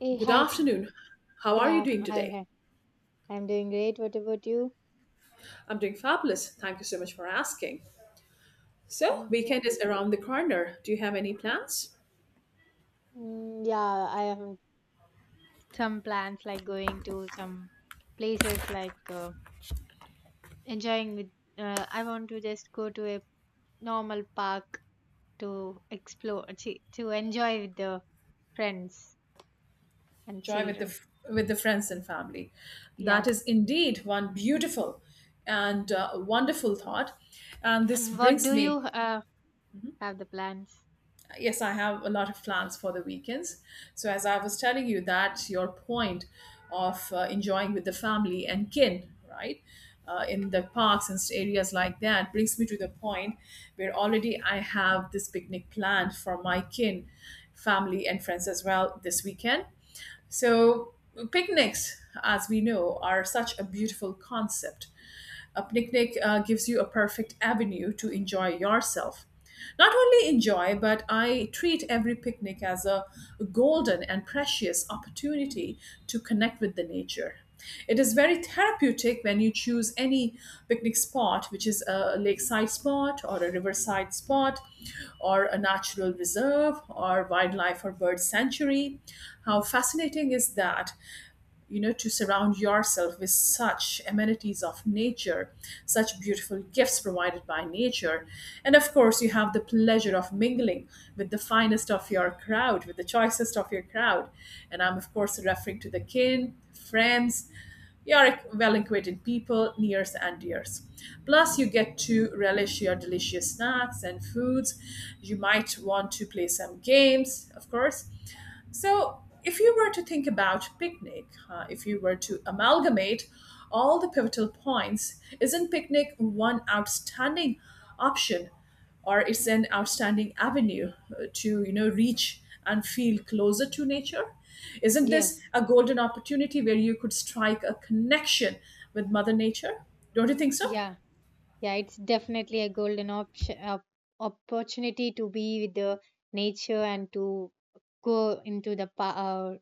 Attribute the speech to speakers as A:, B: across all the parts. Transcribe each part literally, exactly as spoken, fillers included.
A: Hey,
B: Good
A: hi,
B: afternoon. How
A: good
B: are you doing
A: afternoon. Hi,
B: today?
A: hi. I'm doing great. What about you?
B: I'm doing fabulous. Thank you so much for asking. So,
A: Same here.
B: weekend is around the corner. Do you have any plans?
A: Mm, yeah, I have some plans like going to some places like uh, enjoying with. Uh, I want to just go to a normal park to explore, to, to enjoy with the friends and
B: Joy with the
A: children.
B: f- with the friends and family. That
A: Yeah.
B: is indeed one beautiful and uh, wonderful thought. And this
A: And what
B: brings
A: do
B: me.
A: you uh, have the plans?
B: Yes, I have a lot of plans for the weekends. So, as I was telling you, that your point of uh, enjoying with the family and kin, right, uh, in the parks and areas like that brings me to the point where already I have this picnic planned for my kin, family and friends as well this weekend. So picnics, as we know, are such a beautiful concept. A picnic uh, gives you a perfect avenue to enjoy yourself. Not only enjoy, but I treat every picnic as a golden and precious opportunity to connect with the nature. It is very therapeutic when you choose any picnic spot, which is a lakeside spot or a riverside spot or a natural reserve or wildlife or bird sanctuary. How fascinating is that? you know to surround yourself with such amenities of nature, such beautiful gifts provided by nature. And of course, you have the pleasure of mingling with the finest of your crowd, with the choicest of your crowd. And I'm of course referring to the kin friends, you are well acquainted people, nears and dears. Plus, you get to relish your delicious snacks and foods. You might want to play some games, of course. So, if you were to think about picnic, uh, if you were to amalgamate all the pivotal points, isn't picnic one outstanding option? Or it's an outstanding avenue uh, to you know reach and feel closer to nature. Isn't this
A: Yes.
B: a golden opportunity where you could strike a connection with Mother Nature? Don't you think so?
A: Yeah. Yeah, it's definitely a golden option, op- opportunity to be with the nature and to go into the pa- uh,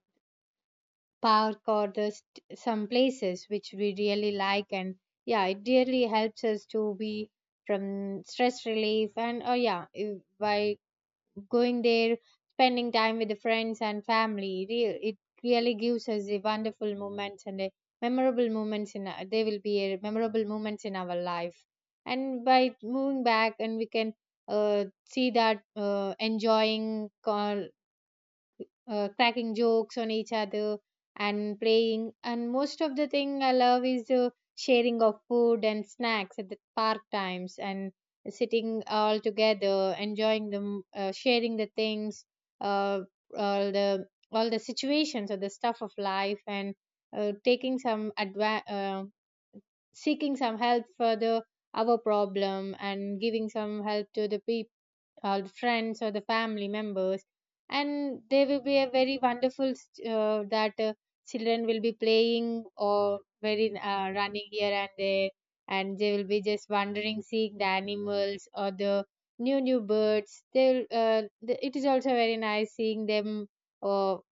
A: park or the st- some places which we really like. And yeah, it really helps us to be from stress relief and oh yeah, if- by going there, spending time with the friends and family. Re- It really gives us the wonderful moments and the memorable moments in. Our, they will be a memorable moments in our life. And by moving back, and we can uh, see that uh, enjoying call uh, cracking jokes on each other and playing and most of the thing I love is uh, sharing of food and snacks at the park times and sitting all together enjoying them uh, sharing the things uh, all the all the situations or the stuff of life and uh, taking some adva- uh, seeking some help for the our problem and giving some help to the people or the friends or the family members and there will be a very wonderful uh, that uh, children will be playing or very uh, running here and there and they will be just wandering seeing the animals or the new new birds they'll uh, the, it is also very nice seeing them or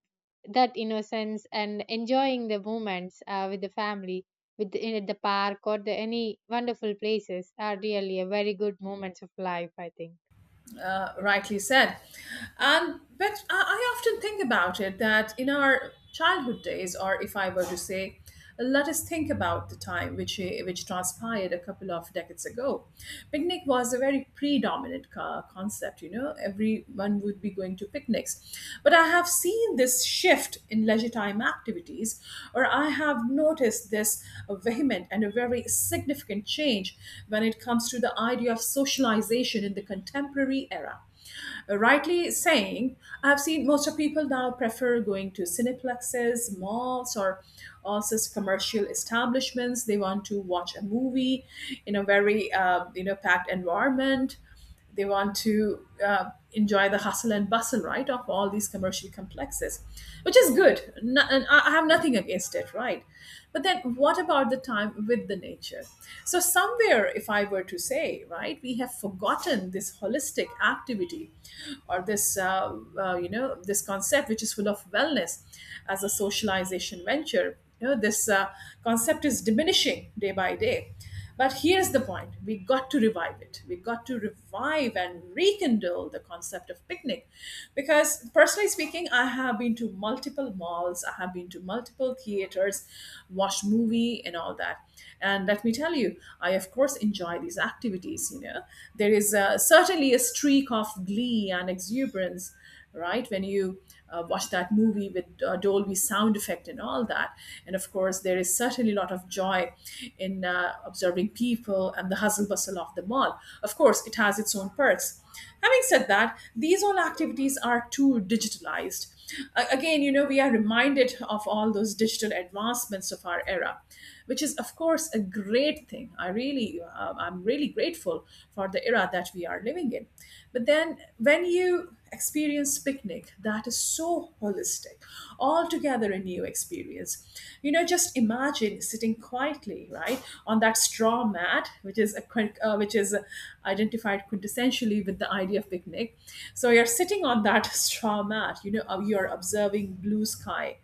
A: that innocence and enjoying the moments uh, with the family with the, in the park or the any wonderful places are really a very good moments of life I think.
B: Uh, rightly said. And but I, I often think about it that in our childhood days, or if I were to say, let us think about the time which eh, which transpired a couple of decades ago. Picnic was a very predominant co- concept. You know, everyone would be going to picnics, but I have seen this shift in leisure time activities, or I have noticed this vehement and a very significant change when it comes to the idea of social socialization in the contemporary era. Uh, Rightly saying, I've seen most of people now prefer going to cineplexes, malls, or also commercial establishments. They want to watch a movie in a very uh, you know packed environment. They want to uh, enjoy the hustle and bustle, right, of all these commercial complexes, which is
A: Yeah.
B: good. No, and I I have nothing against it, right? But then what about the time with the nature? So, somewhere, if I were to say, right, we have forgotten this holistic activity or this, uh, uh, you know, this concept which is full of wellness as a socialization venture. You know, this uh, concept is diminishing day by day, but here's the point, we got to revive it. We got to revive and rekindle the concept of picnic. Because, personally speaking, I have been to multiple malls, I have been to multiple theaters, watched movie, and all that. And let me tell you, I, of course, enjoy these activities. You know, there is uh, certainly a streak of glee and exuberance, right? When you uh, watch that movie with uh, Dolby sound effect and all that. And of course, there is certainly a lot of joy in uh, observing people and the hustle bustle of the mall. Of course, it has its own perks. Having said that, these all activities are too digitalized. A- Again, you know, we are reminded of all those digital advancements of our era, which is of course a great thing. I really um, i'm really grateful for the era that we are living in. But then when you experience picnic, that is so holistic, altogether a new experience. You know just imagine sitting quietly right on that straw mat, which is a quin- uh, which is identified quintessentially with the idea of picnic. So you're sitting on that straw mat, you know uh, you're observing blue sky,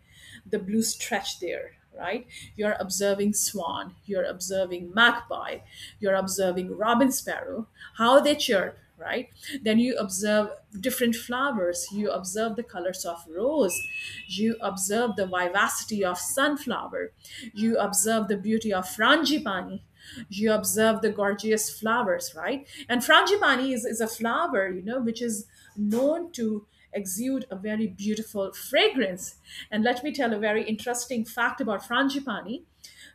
B: the blue stretch there, right? You're observing swan, you're observing magpie, you're observing robin, sparrow, how they chirp, right? Then you observe different flowers, you observe the colors of rose, you observe the vivacity of sunflower, you observe the beauty of frangipani, you observe the gorgeous flowers, right? And frangipani is, is a flower, you know which is known to exude a very beautiful fragrance. And let me tell a very interesting fact about frangipani.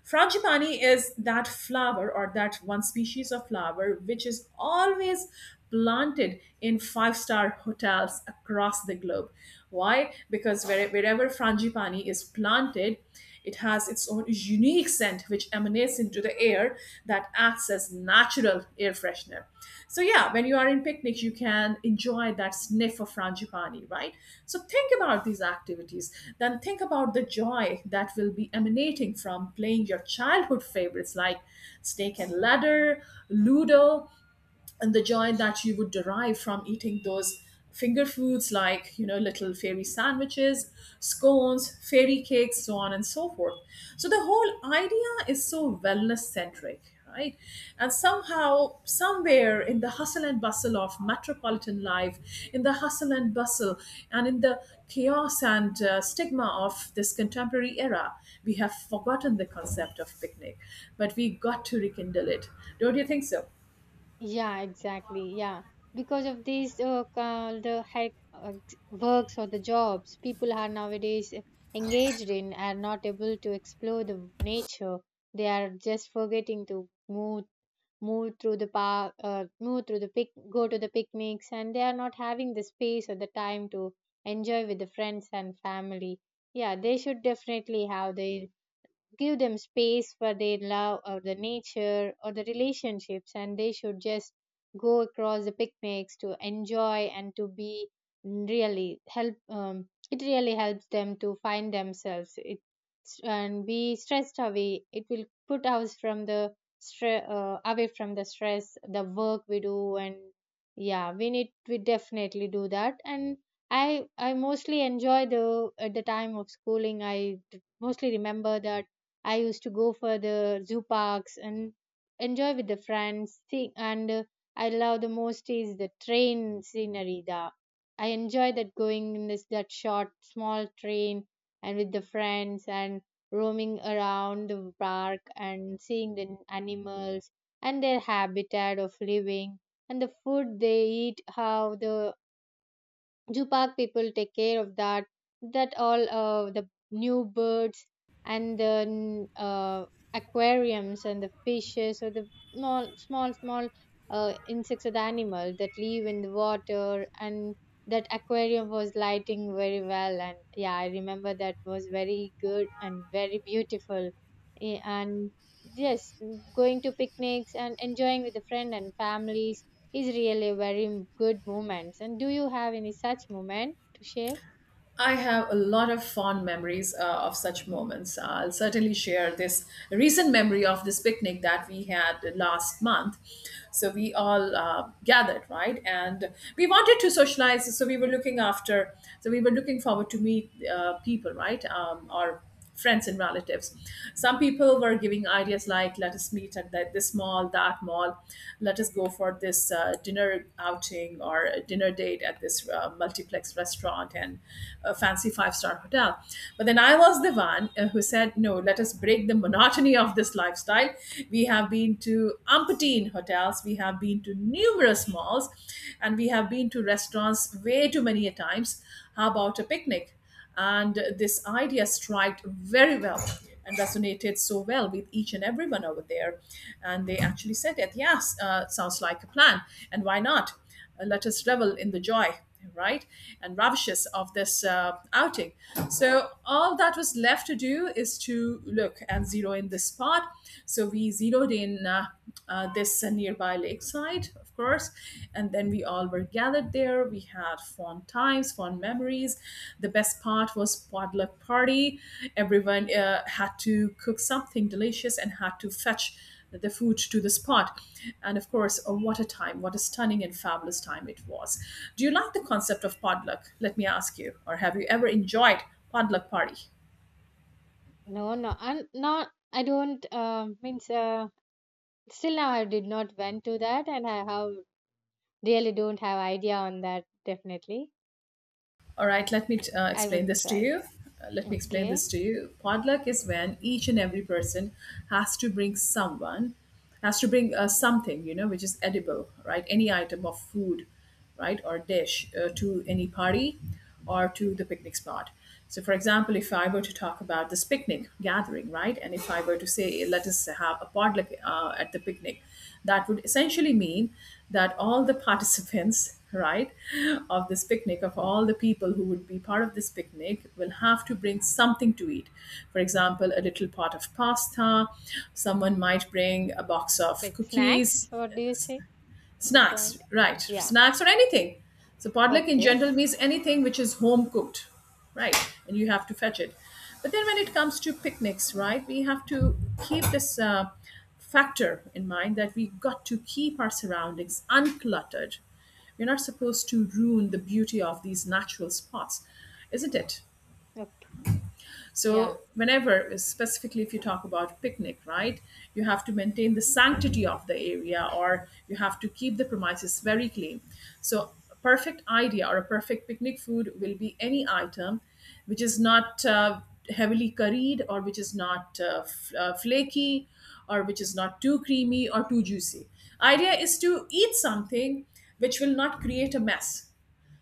B: Frangipani is that flower or that one species of flower which is always planted in five star hotels across the globe. Why? Because where, wherever frangipani is planted, it has its own unique scent which emanates into the air that acts as natural air freshener. So yeah, when you are in picnics, you can enjoy that sniff of frangipani, right? So think about these activities. Then think about the joy that will be emanating from playing your childhood favorites like Snake and Ladder, Ludo, and the joy that you would derive from eating those finger foods like you know little fairy sandwiches, scones, fairy cakes, so on and so forth. So the whole idea is so wellness centric, right? And somehow, somewhere in the hustle and bustle of metropolitan life, in the hustle and bustle and in the chaos and uh, stigma of this contemporary era, we have forgotten the concept of picnic, but we got to rekindle it. Don't you think so?
A: Yeah, exactly. Yeah. Because of these uh, ca- the hack uh, works or the jobs people are nowadays engaged in are not able to explore the nature. They are just forgetting to move move through the park, uh, move through the pic, go to the picnics, and they are not having the space or the time to enjoy with the friends and family. Yeah, they should definitely have their give them space for their love or the nature or the relationships and they should just go across the picnics to enjoy and to be really help um, it really helps them to find themselves it and be stressed away it will put us from the stress uh, away from the stress the work we do and yeah we need we definitely do that and i i mostly enjoy the at the time of schooling I mostly remember that I used to go for the zoo parks and enjoy with the friends. See, and uh, I love the most is the train scenery. The I enjoy that going in this that short small train and with the friends and roaming around the park and seeing the animals and their habitat of living and the food they eat, how the Zoo people take care of that. That all uh, the new birds and the n- uh, aquariums and the fishes or the small small small uh, insects or the animal that live in the water and that aquarium was lighting very well and yeah I remember that was very good and very beautiful. Eh, and Yes, going to picnics and enjoying with the friend and families is really a very good moment. And do you have any such moment to share?
B: I have a lot of fond memories uh, of such moments. I'll certainly share this recent memory of this picnic that we had last month. So we all uh, gathered, right? And we wanted to socialize. So we were looking after, so we were looking forward to meet uh, people, right? Um, or friends and relatives. Some people were giving ideas like, let us meet at that, this mall, that mall, let us go for this uh, dinner outing or a dinner date at this uh, multiplex restaurant and a fancy five star hotel. But then I was the one uh, who said, no, let us break the monotony of this lifestyle. We have been to umpteen hotels, we have been to numerous malls, and we have been to restaurants way too many a times. How about a picnic? And this idea striked very well and resonated so well with each and everyone over there. And they actually said that, yes, uh, sounds like a plan. And why not? Uh, let us revel in the joy, right? And ravishes of this uh, outing. So all that was left to do is to look and zero in this part. So we zeroed in uh, uh, this nearby lakeside, of course. And then we all were gathered there. We had fun times, fun memories. The best part was potluck party. Everyone uh, had to cook something delicious and had to fetch the food to the spot. And of course, oh, what a time, what a stunning and fabulous time it was. Do you like the concept of potluck? Let me ask you, or have you ever enjoyed potluck party?
A: No, no, I'm not. I don't. Uh, means uh, still now I did not went to that, and I have really don't have idea on that. Definitely,
B: All right, let me uh,
A: I
B: explain
A: would
B: this to
A: try.
B: you. Uh, let me explain this
A: Okay,
B: to you. Potluck is when each and every person has to bring someone, has to bring uh, something, you know, which is edible, right? Any item of food, right, or dish uh, to any party or to the picnic spot. So, for example, if I were to talk about this picnic gathering, gathering, right? And if I were to say, let us have a potluck uh, at the picnic, that would essentially mean that all the participants, right, of this picnic, of all the people who would be part of this picnic, will have to bring something to eat. For example, a little pot of pasta, someone might bring a box of
A: like
B: cookies.
A: snacks. What do you say? The
B: Snacks,
A: point.
B: right?
A: Yeah.
B: Snacks or anything. So potluck in
A: Okay.
B: general means anything which is home cooked, right? And you have to fetch it. But then when it comes to picnics, right, we have to keep this uh, factor in mind that we got to keep our surroundings uncluttered. We're not supposed to ruin the beauty of these natural spots, isn't it?
A: Okay. Yeah.
B: So, whenever, specifically if you talk about picnic, right, you have to maintain the sanctity of the area or you have to keep the premises very clean. So, a perfect idea or a perfect picnic food will be any item which is not uh, heavily curried or which is not uh, f- uh, flaky or which is not too creamy or too juicy. Idea is to eat something which will not create a mess,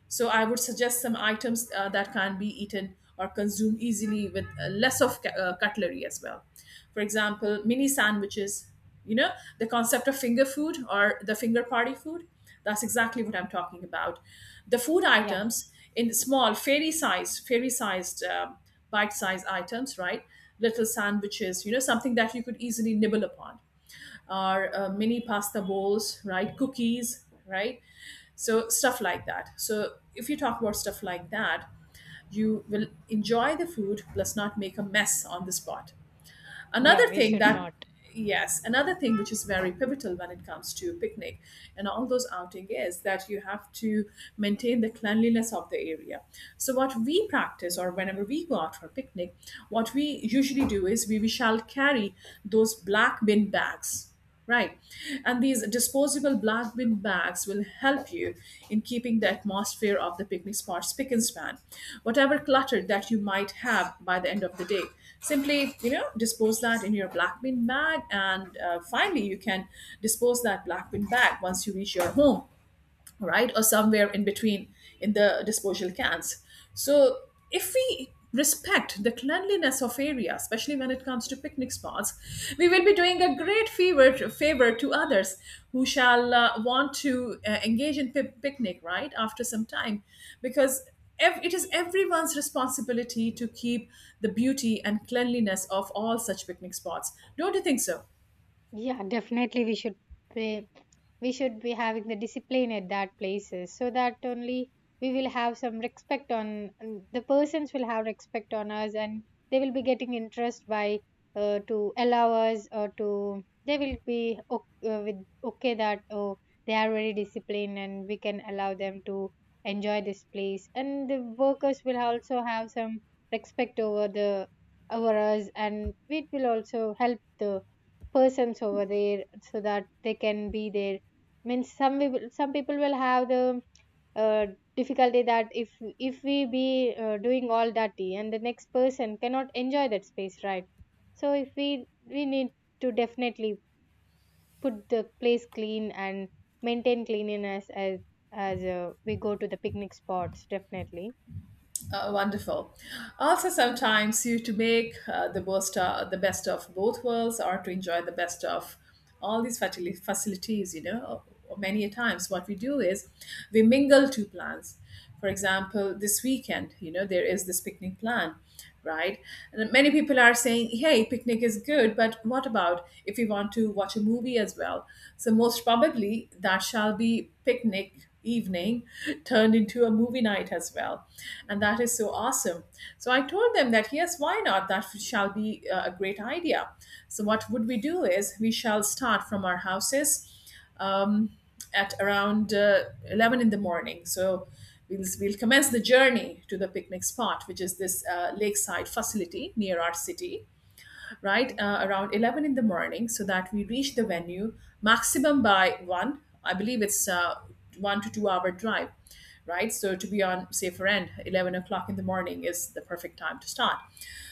B: so I would suggest some items uh, that can be eaten or consumed easily with uh, less of ca- uh, cutlery as well. For example, mini sandwiches, you know, the concept of finger food or the finger party food. That's exactly what I'm talking about. The food
A: Yeah.
B: items in small, fairy sized, fairy sized, um bite sized items, right? Little sandwiches, you know, something that you could easily nibble upon or uh, mini pasta bowls, right? Cookies, right? So stuff like that. So if you talk about stuff like that, you will enjoy the food plus not make a mess on the spot.
A: Yeah.
B: Another
A: We
B: thing
A: should
B: that
A: not.
B: yes, another thing which is very pivotal when it comes to picnic and all those outing is that you have to maintain the cleanliness of the area. So what we practice or whenever we go out for picnic, what we usually do is we, we shall carry those black bin bags. Right. And these disposable black bin bags will help you in keeping the atmosphere of the picnic spot spick and span. Whatever clutter that you might have by the end of the day, simply, you know, dispose that in your black bin bag. And uh, finally, you can dispose that black bin bag once you reach your home, right, or somewhere in between in the disposal cans. So if we respect the cleanliness of area, especially when it comes to picnic spots, we will be doing a great favor favor to others who shall uh, want to uh, engage in pi- picnic right after some time, because ev- it is everyone's responsibility to keep the beauty and cleanliness of all such picnic spots, don't you think so?
A: Yeah, definitely we should be we should be having the discipline at that places so that only we will have some respect on the persons will have respect on us and they will be getting interest by uh, to allow us or to they will be okay, uh, with okay that oh they are very disciplined and we can allow them to enjoy this place and the workers will also have some respect over the over us and it will also help the persons over there so that they can be there means some people some people will have the uh, difficulty that if if we be uh, doing all that and the next person cannot enjoy that space right so if we we need to definitely put the place clean and maintain cleanliness as as uh, we go to the picnic spots definitely.
B: Uh, wonderful. Also, sometimes you to make uh, the most uh, the best of both worlds, or to enjoy the best of all these facili- facilities. You know, or many a times what we do is we mingle two plans. For example, this weekend, you know, there is this picnic plan, right? And many people are saying, "Hey, picnic is good, but what about if we want to watch a movie as well?" So most probably that shall be picnic evening turned into a movie night as well, and that is so awesome. So I told them that yes, why not, that shall be uh, a great idea. So what would we do is we shall start from our houses, um, at around uh, eleven in the morning. So we'll, we'll commence the journey to the picnic spot, which is this uh, lakeside facility near our city, right,
A: Okay.
B: uh, around eleven in the morning so that we reach the venue maximum by one. I believe it's uh, one to two hour drive, right? So to be on safer end, eleven o'clock in the morning is the perfect time to start.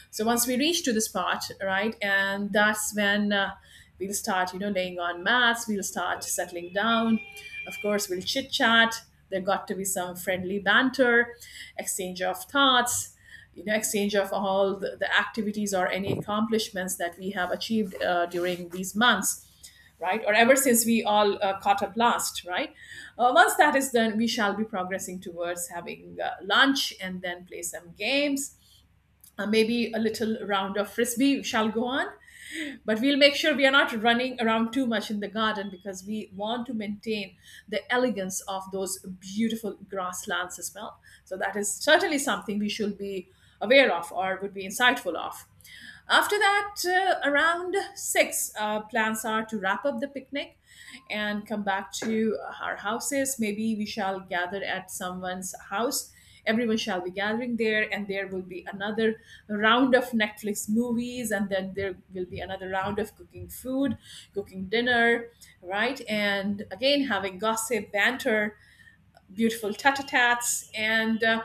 B: So once we reach to this part, right, and that's when uh, we'll start, you know, laying on mats. We'll start settling down. Of course, we'll chit chat. There got to be some friendly banter, exchange of thoughts, you know, exchange of all the, the activities or any accomplishments that we have achieved uh, during these months, right? Or ever since we all uh, caught up last, right? Uh, once that is done, we shall be progressing towards having uh, lunch and then play some games. Uh, maybe a little round of frisbee shall go on, but we'll make sure we are not running around too much in the garden, because we want to maintain the elegance of those beautiful grasslands as well. So that is certainly something we should be aware of or would be insightful of. After that, uh, around six, uh, plans are to wrap up the picnic and come back to our houses. Maybe we shall gather at someone's house, everyone shall be gathering there, and there will be another round of Netflix movies, and then there will be another round of cooking food, cooking dinner, right, and again having gossip banter, beautiful tete-a-tetes, and uh,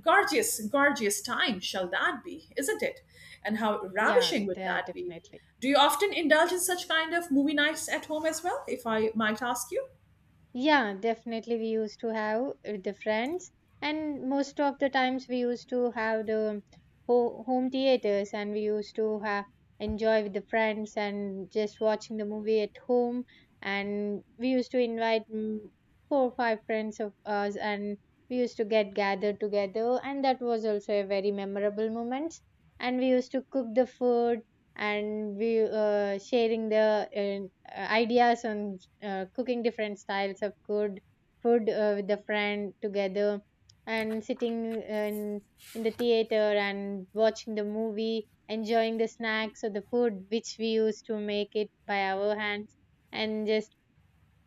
B: gorgeous gorgeous time shall that be, isn't it? And how
A: Yeah,
B: ravishing would
A: they are
B: that be?
A: definitely.
B: Do you often indulge in such kind of movie nights at home as well, if I might ask you?
A: Yeah, definitely we used to have uh, the friends and most of the times we used to have the ho home theaters and we used to have enjoy with the friends and just watching the movie at home and we used to invite mm, four or five friends of us and we used to get gathered together and that was also a very memorable moment and we used to cook the food and we uh, sharing the uh, ideas on uh, cooking different styles of good food uh, with the friend together and sitting uh, in, in the theater and watching the movie enjoying the snacks or the food which we used to make it by our hands and just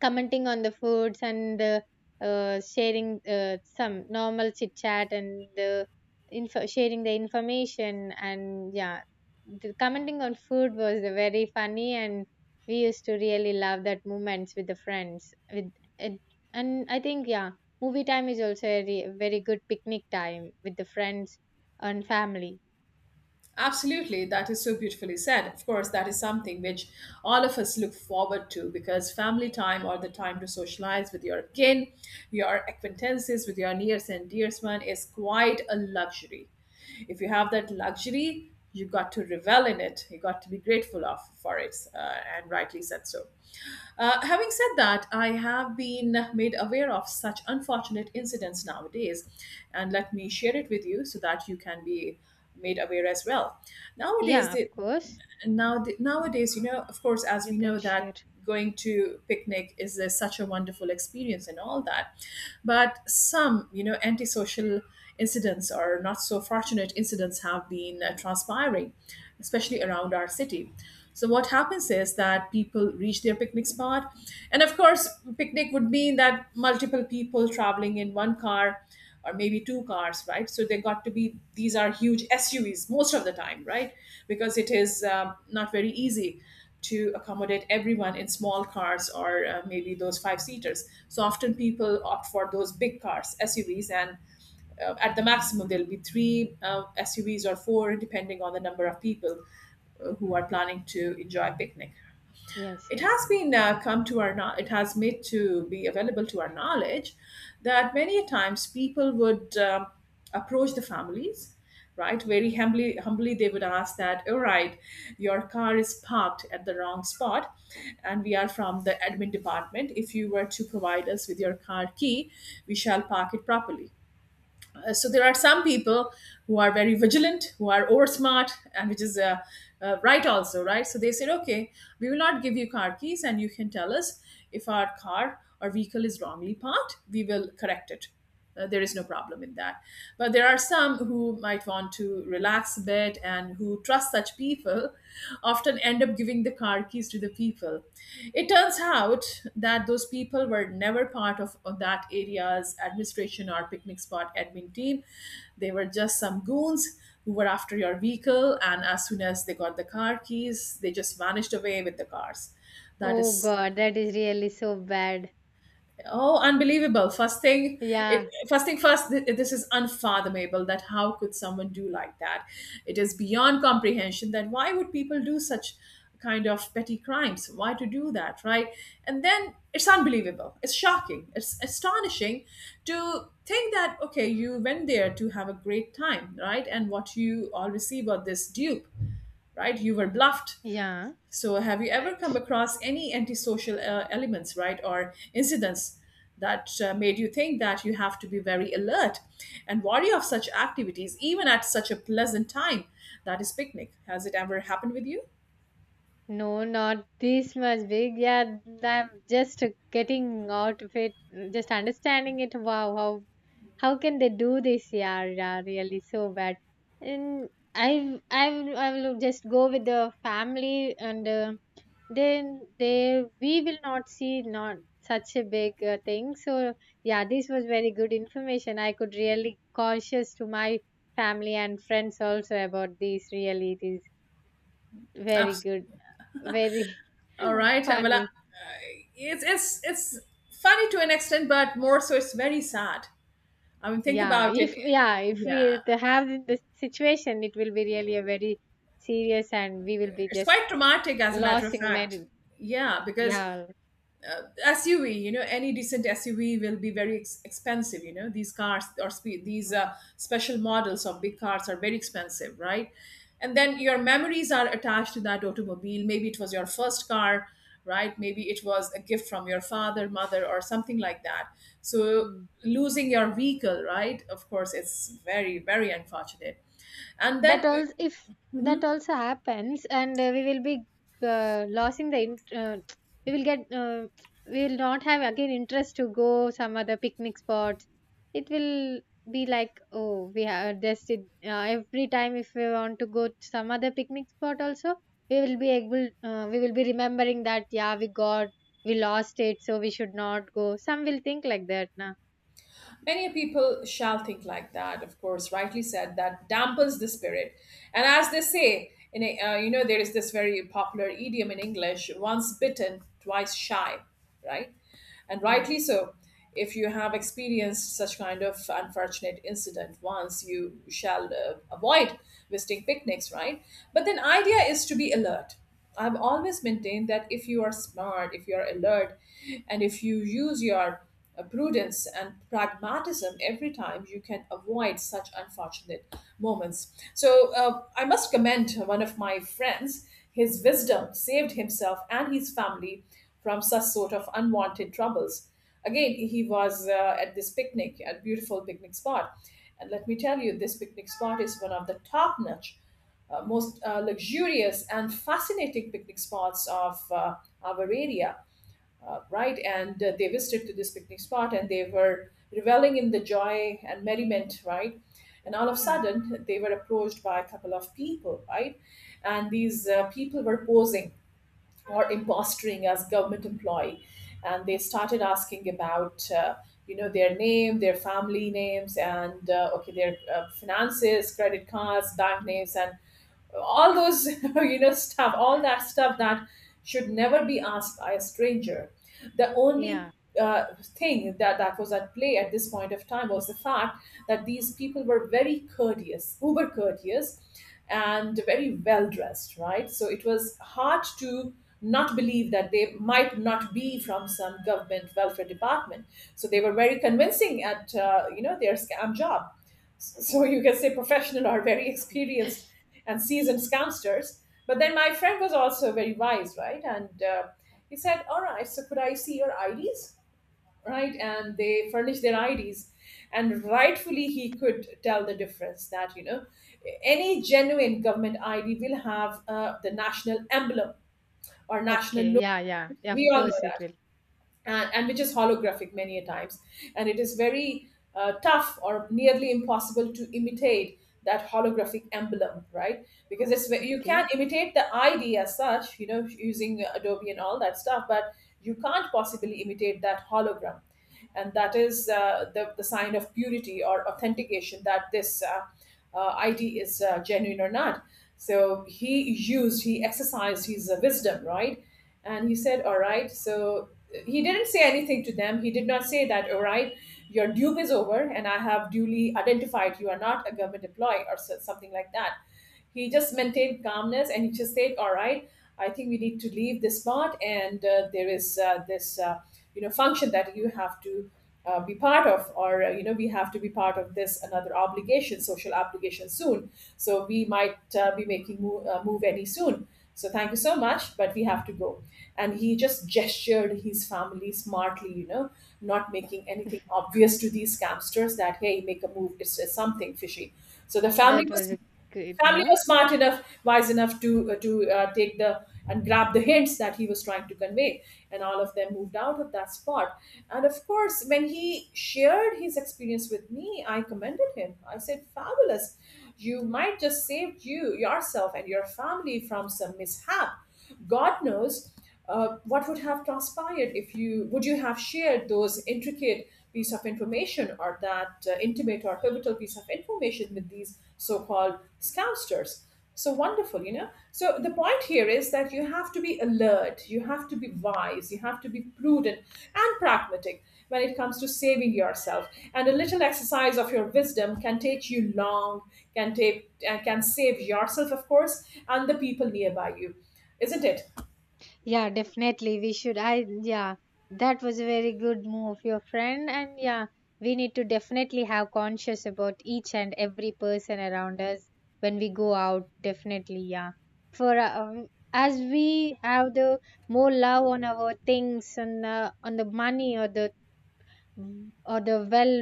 A: commenting on the foods and uh, uh, sharing uh, some normal chit chat and uh, info- sharing the information and yeah the commenting on food was a very funny and we used to really love that moments with the friends with it, and I think yeah movie time is also a re- very good picnic time with the friends and family.
B: Absolutely, that is so beautifully said. Of course, that is something which all of us look forward to, because family time or the time to socialize with your kin, your acquaintances, with your nearest and dearest one is quite a luxury. If you have that luxury, you got to revel in it. You got to be grateful of for it, uh, and rightly said so. Uh, having said that, I have been made aware of such unfortunate incidents nowadays, and let me share it with you so that you can be made aware as well. Nowadays,
A: Yeah, of
B: the,
A: course.
B: and now the, nowadays, you know, of course, as
A: You
B: we
A: can
B: know that
A: share.
B: going to picnic is a, such a wonderful experience and all that, but some, you know, antisocial incidents or not so fortunate incidents have been uh, transpiring, especially around our city. So what happens is that people reach their picnic spot, and of course picnic would mean that multiple people traveling in one car or maybe two cars, right? So they got to be, these are huge S U Vs most of the time, right? Because it is um, not very easy to accommodate everyone in small cars or uh, maybe those five seaters. So often people opt for those big cars, S U Vs, and uh, at the maximum there'll be three uh, S U Vs or four, depending on the number of people uh, who are planning to enjoy a picnic.
A: Yes,
B: It
A: yes.
B: has been uh, come to our kno- it has made to be available to our knowledge that many a times people would um, approach the families, right, very humbly humbly they would ask that all right, your car is parked at the wrong spot, and we are from the admin department. If you were to provide us with your car key, we shall park it properly. Uh, so there are some people who are very vigilant, who are over smart, and which is uh, uh, right also, right? So they said okay, we will not give you car keys, and you can tell us if our car or vehicle is wrongly parked, we will correct it. Uh, there is no problem in that, but there are some who might want to relax a bit, and who trust such such people often end up giving the car keys to the people. It turns out that those people were never part of of that area's administration or picnic spot admin team. They were just some goons who were after your vehicle, and as soon as they got the car keys, they just vanished away with the cars. That
A: Oh
B: is
A: god, that is really so bad.
B: oh, unbelievable. First thing, it
A: Yeah.
B: first thing first, th- this is unfathomable that how could someone do like that? It is beyond comprehension that why would people do such kind of petty crimes? Why to do that, right? And then it's unbelievable. It's shocking. It's astonishing to think that okay, you went there to have a great time, right? And what you all receive are this dupe, right? You were bluffed.
A: Yeah,
B: So, have you ever come
A: right.
B: across any antisocial uh, elements, right, or incidents that uh, made you think that you have to be very alert and wary of such activities, even at such a pleasant time that is picnic? Has it ever happened with you?
A: No, not this much big. Yeah, I'm just getting out of it, just understanding it. Wow, how how can they do this? Yeah, yeah, really so bad. And I I will- I will just go with the family, and uh, then they we will not see not such a big uh, thing. So yeah, this was very good information. I could really cautious to my family and friends also about this. Really, it is. Very good.
B: Absolutely.
A: Very
B: All right. Well, uh,
A: funny.
B: it's it's it's funny to an extent, but more so, it's very sad. I mean, think
A: Yeah,
B: about it.
A: if yeah, if we
B: Yeah,
A: to have the this situation, it will be really a very serious, and we will be
B: it's
A: just
B: quite traumatic, as a matter of
A: losing
B: fact.
A: merit.
B: Yeah, because
A: Yeah.
B: uh, S U V, you know, any decent S U V will be very ex- expensive. You know, these cars or spe- these uh, special models of big cars are very expensive, right? And then your memories are attached to that automobile. Maybe it was your first car, right? Maybe it was a gift from your father, mother, or something like that. So
A: Hmm.
B: losing your vehicle, right? Of course, it's very, very unfortunate, and
A: That
B: then
A: also if that also happens and uh, we will be uh, losing the int- uh, we will get uh, we will not have again interest to go some other picnic spots it will be like oh we have just it, uh, every time if we want to go to some other picnic spot also we will be able uh, we will be remembering that yeah we got we lost it so we should not go some will think like that now.
B: many people shall think like that, of course, rightly said, that dampens the spirit. And as they say, in a, uh, you know, there is this very popular idiom in English, once bitten, twice shy, right? And rightly
A: Yes.
B: so. If you have experienced such kind of unfortunate incident once, you shall uh, avoid visiting picnics, right? But then, idea is to be alert. I've always maintained that if you are smart, if you are alert, and if you use your uh, prudence and pragmatism every time, you can avoid such unfortunate moments. So uh, I must commend one of my friends. His wisdom saved himself and his family from such sort of unwanted troubles. Again, he was uh, at this picnic, at beautiful picnic spot, and let me tell you, this picnic spot is one of the top notch uh, most uh, luxurious and fascinating picnic spots of uh, our area, uh, right? And uh, they visited to this picnic spot and they were reveling in the joy and merriment, right? And all of a
A: Mm.
B: sudden, they were approached by a couple of people, right? And these uh, people were posing or impostering as government employee, and they started asking about. Uh, You know, their name, their family names, and uh, okay, their uh, finances, credit cards, bank names, and all those you know stuff, all that stuff that should never be asked by a stranger. The only
A: Yeah.
B: uh, thing that that was at play at this point of time was the fact that these people were very courteous, uber courteous, and very well dressed, right? So it was hard to not believe that they might not be from some government welfare department. So they were very convincing at uh, you know their scam job, so you can say professional or very experienced and seasoned scamsters. But then my friend was also very wise, right? And uh, he said, "All right, so could I see your I Ds?" Right? And they furnished their I Ds, and rightfully he could tell the difference that you know any genuine government I D will have uh, the national emblem or national
A: Okay.
B: logo.
A: Yeah. Yeah, yeah, of
B: We all know
A: course it
B: that,
A: will.
B: and, and which is holographic many a times, and it is very uh, tough or nearly impossible to imitate that holographic emblem, right? Because it's ve- you can
A: Okay,
B: imitate the idea as such, you know, using adobe and all that stuff, but you can't possibly imitate that hologram. And that is uh, the, the sign of purity or authentication that this uh, uh, I D is uh, genuine or not. So he used, he exercised his uh, wisdom, right? And he said, "All right." So he didn't say anything to them. He did not say that, "All right, your dupe is over, and I have duly identified you are not a government employee," or so- something like that. He just
A: okay.
B: maintained calmness and he just said, "All right, I think we need to leave this part, and uh, there is uh, this uh, you know, function that you have to." Uh, be part of, or uh, you know, we have to be part of this another obligation, social obligation soon, so we might uh, be making move, uh, move any soon. So thank you so much, but we have to go. And he just gestured his family smartly, you know, not making anything obvious to these scamsters, that hey, make a move, it's, it's something fishy. So the family
A: That was
B: was
A: a great
B: family
A: move.
B: was smart enough, wise enough to uh, to uh, take the and grab the hints that he was trying to convey, and all of them moved out of that spot. And of course, when he shared his experience with me, I commended him. I said, "Fabulous! You might just saved you yourself and your family from some mishap. God knows uh, what would have transpired if you would you have shared those intricate piece of information, or that uh, intimate or pivotal piece of information with these so-called scousters." So wonderful, you know. So the point here is that you have to be alert, you have to be wise, you have to be prudent and pragmatic when it comes to saving yourself. And a little exercise of your wisdom can take you long, can take uh, can save yourself, of course, and the people nearby you, isn't it?
A: Yeah, definitely. We should. I, yeah, that was a very good move, your friend. And yeah, we need to definitely have conscious about each and every person around us when we go out. Definitely, yeah. For um, as we have the more love on our things and uh, on the money or the. Mm. Or the well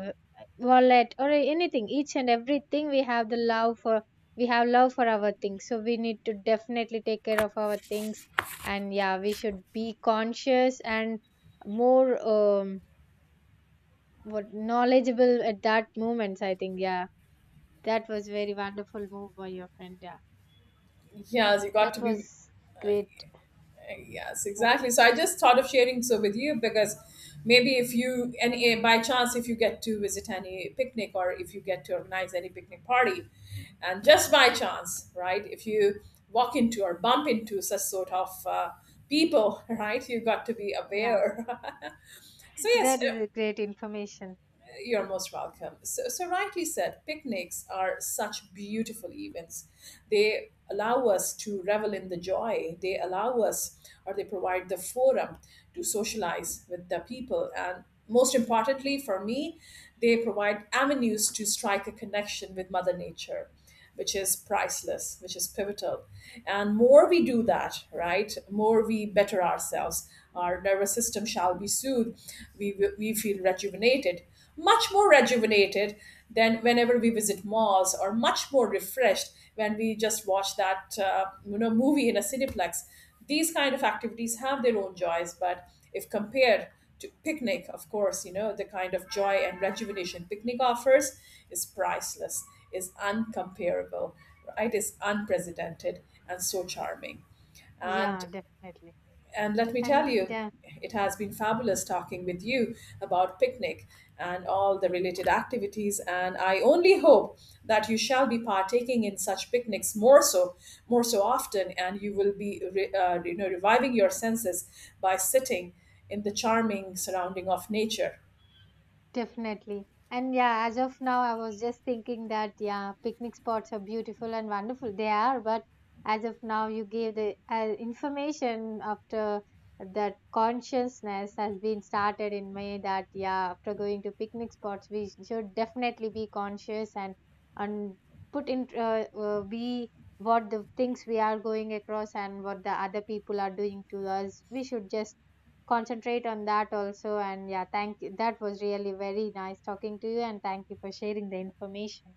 A: uh, wallet or anything each and everything we have the love for we have love for our things so we need to definitely take care of our things and yeah we should be conscious and more um what knowledgeable at that moment I think yeah that was very wonderful move by your friend. Yeah,
B: Yes, you got to
A: that
B: be.
A: was great
B: Yes, exactly. So
A: moment.
B: I just thought of sharing so with you, because maybe if you, and eh, by chance, if you get to visit any picnic, or if you get to organize any picnic party, and just by chance, right? If you walk into or bump into such sort of uh, people, right? You got to be
A: Yeah,
B: aware. So yes.
A: that is a great information.
B: You're most welcome. So, so rightly said, picnics are such beautiful events. They allow us to revel in the joy. They allow us, or they provide the forum to socialize with the people. And most importantly, for me, they provide avenues to strike a connection with Mother Nature, which is priceless, which is pivotal. And more we do that, right? More we better ourselves. Our nervous system shall be soothed. We, we feel rejuvenated, much more rejuvenated than whenever we visit malls, or much more refreshed when we just watch that uh, you know movie in a cineplex. These kind of activities have their own joys, but if compared to picnic, of course, you know, the kind of joy and rejuvenation picnic offers is priceless, is uncomparable, right, is unprecedented and so charming. And
A: Yeah, definitely.
B: and let me tell
A: And
B: you,
A: yeah.
B: it has been fabulous talking with you about picnic and all the related activities. And I only hope that you shall be partaking in such picnics more so, more so often, and you will be, re- uh, you know, reviving your senses by sitting in the charming surrounding of nature.
A: Definitely. And yeah, as of now, I was just thinking that, yeah, picnic spots are beautiful and wonderful. They are, but as of now, you gave the uh, information after that consciousness has been started in me that, yeah, after going to picnic spots, we should definitely be conscious and, and put in, uh, uh, be what the things we are going across and what the other people are doing to us. We should just concentrate on that also and yeah thank you that was really very nice talking to you and thank you for sharing the information.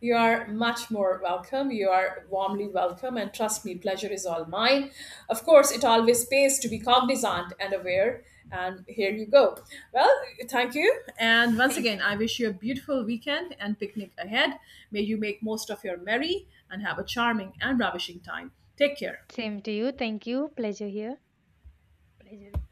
B: You are much more welcome. You are warmly welcome. And trust me, pleasure is all mine. Of course, it always pays to be cognizant and aware. And here you go. Well, thank you. And once again,
A: Thank you.
B: I wish you a beautiful weekend and picnic ahead. May you make most of your merry and have a charming and ravishing time. Take care.
A: Same to you. Thank you. Pleasure here. Pleasure.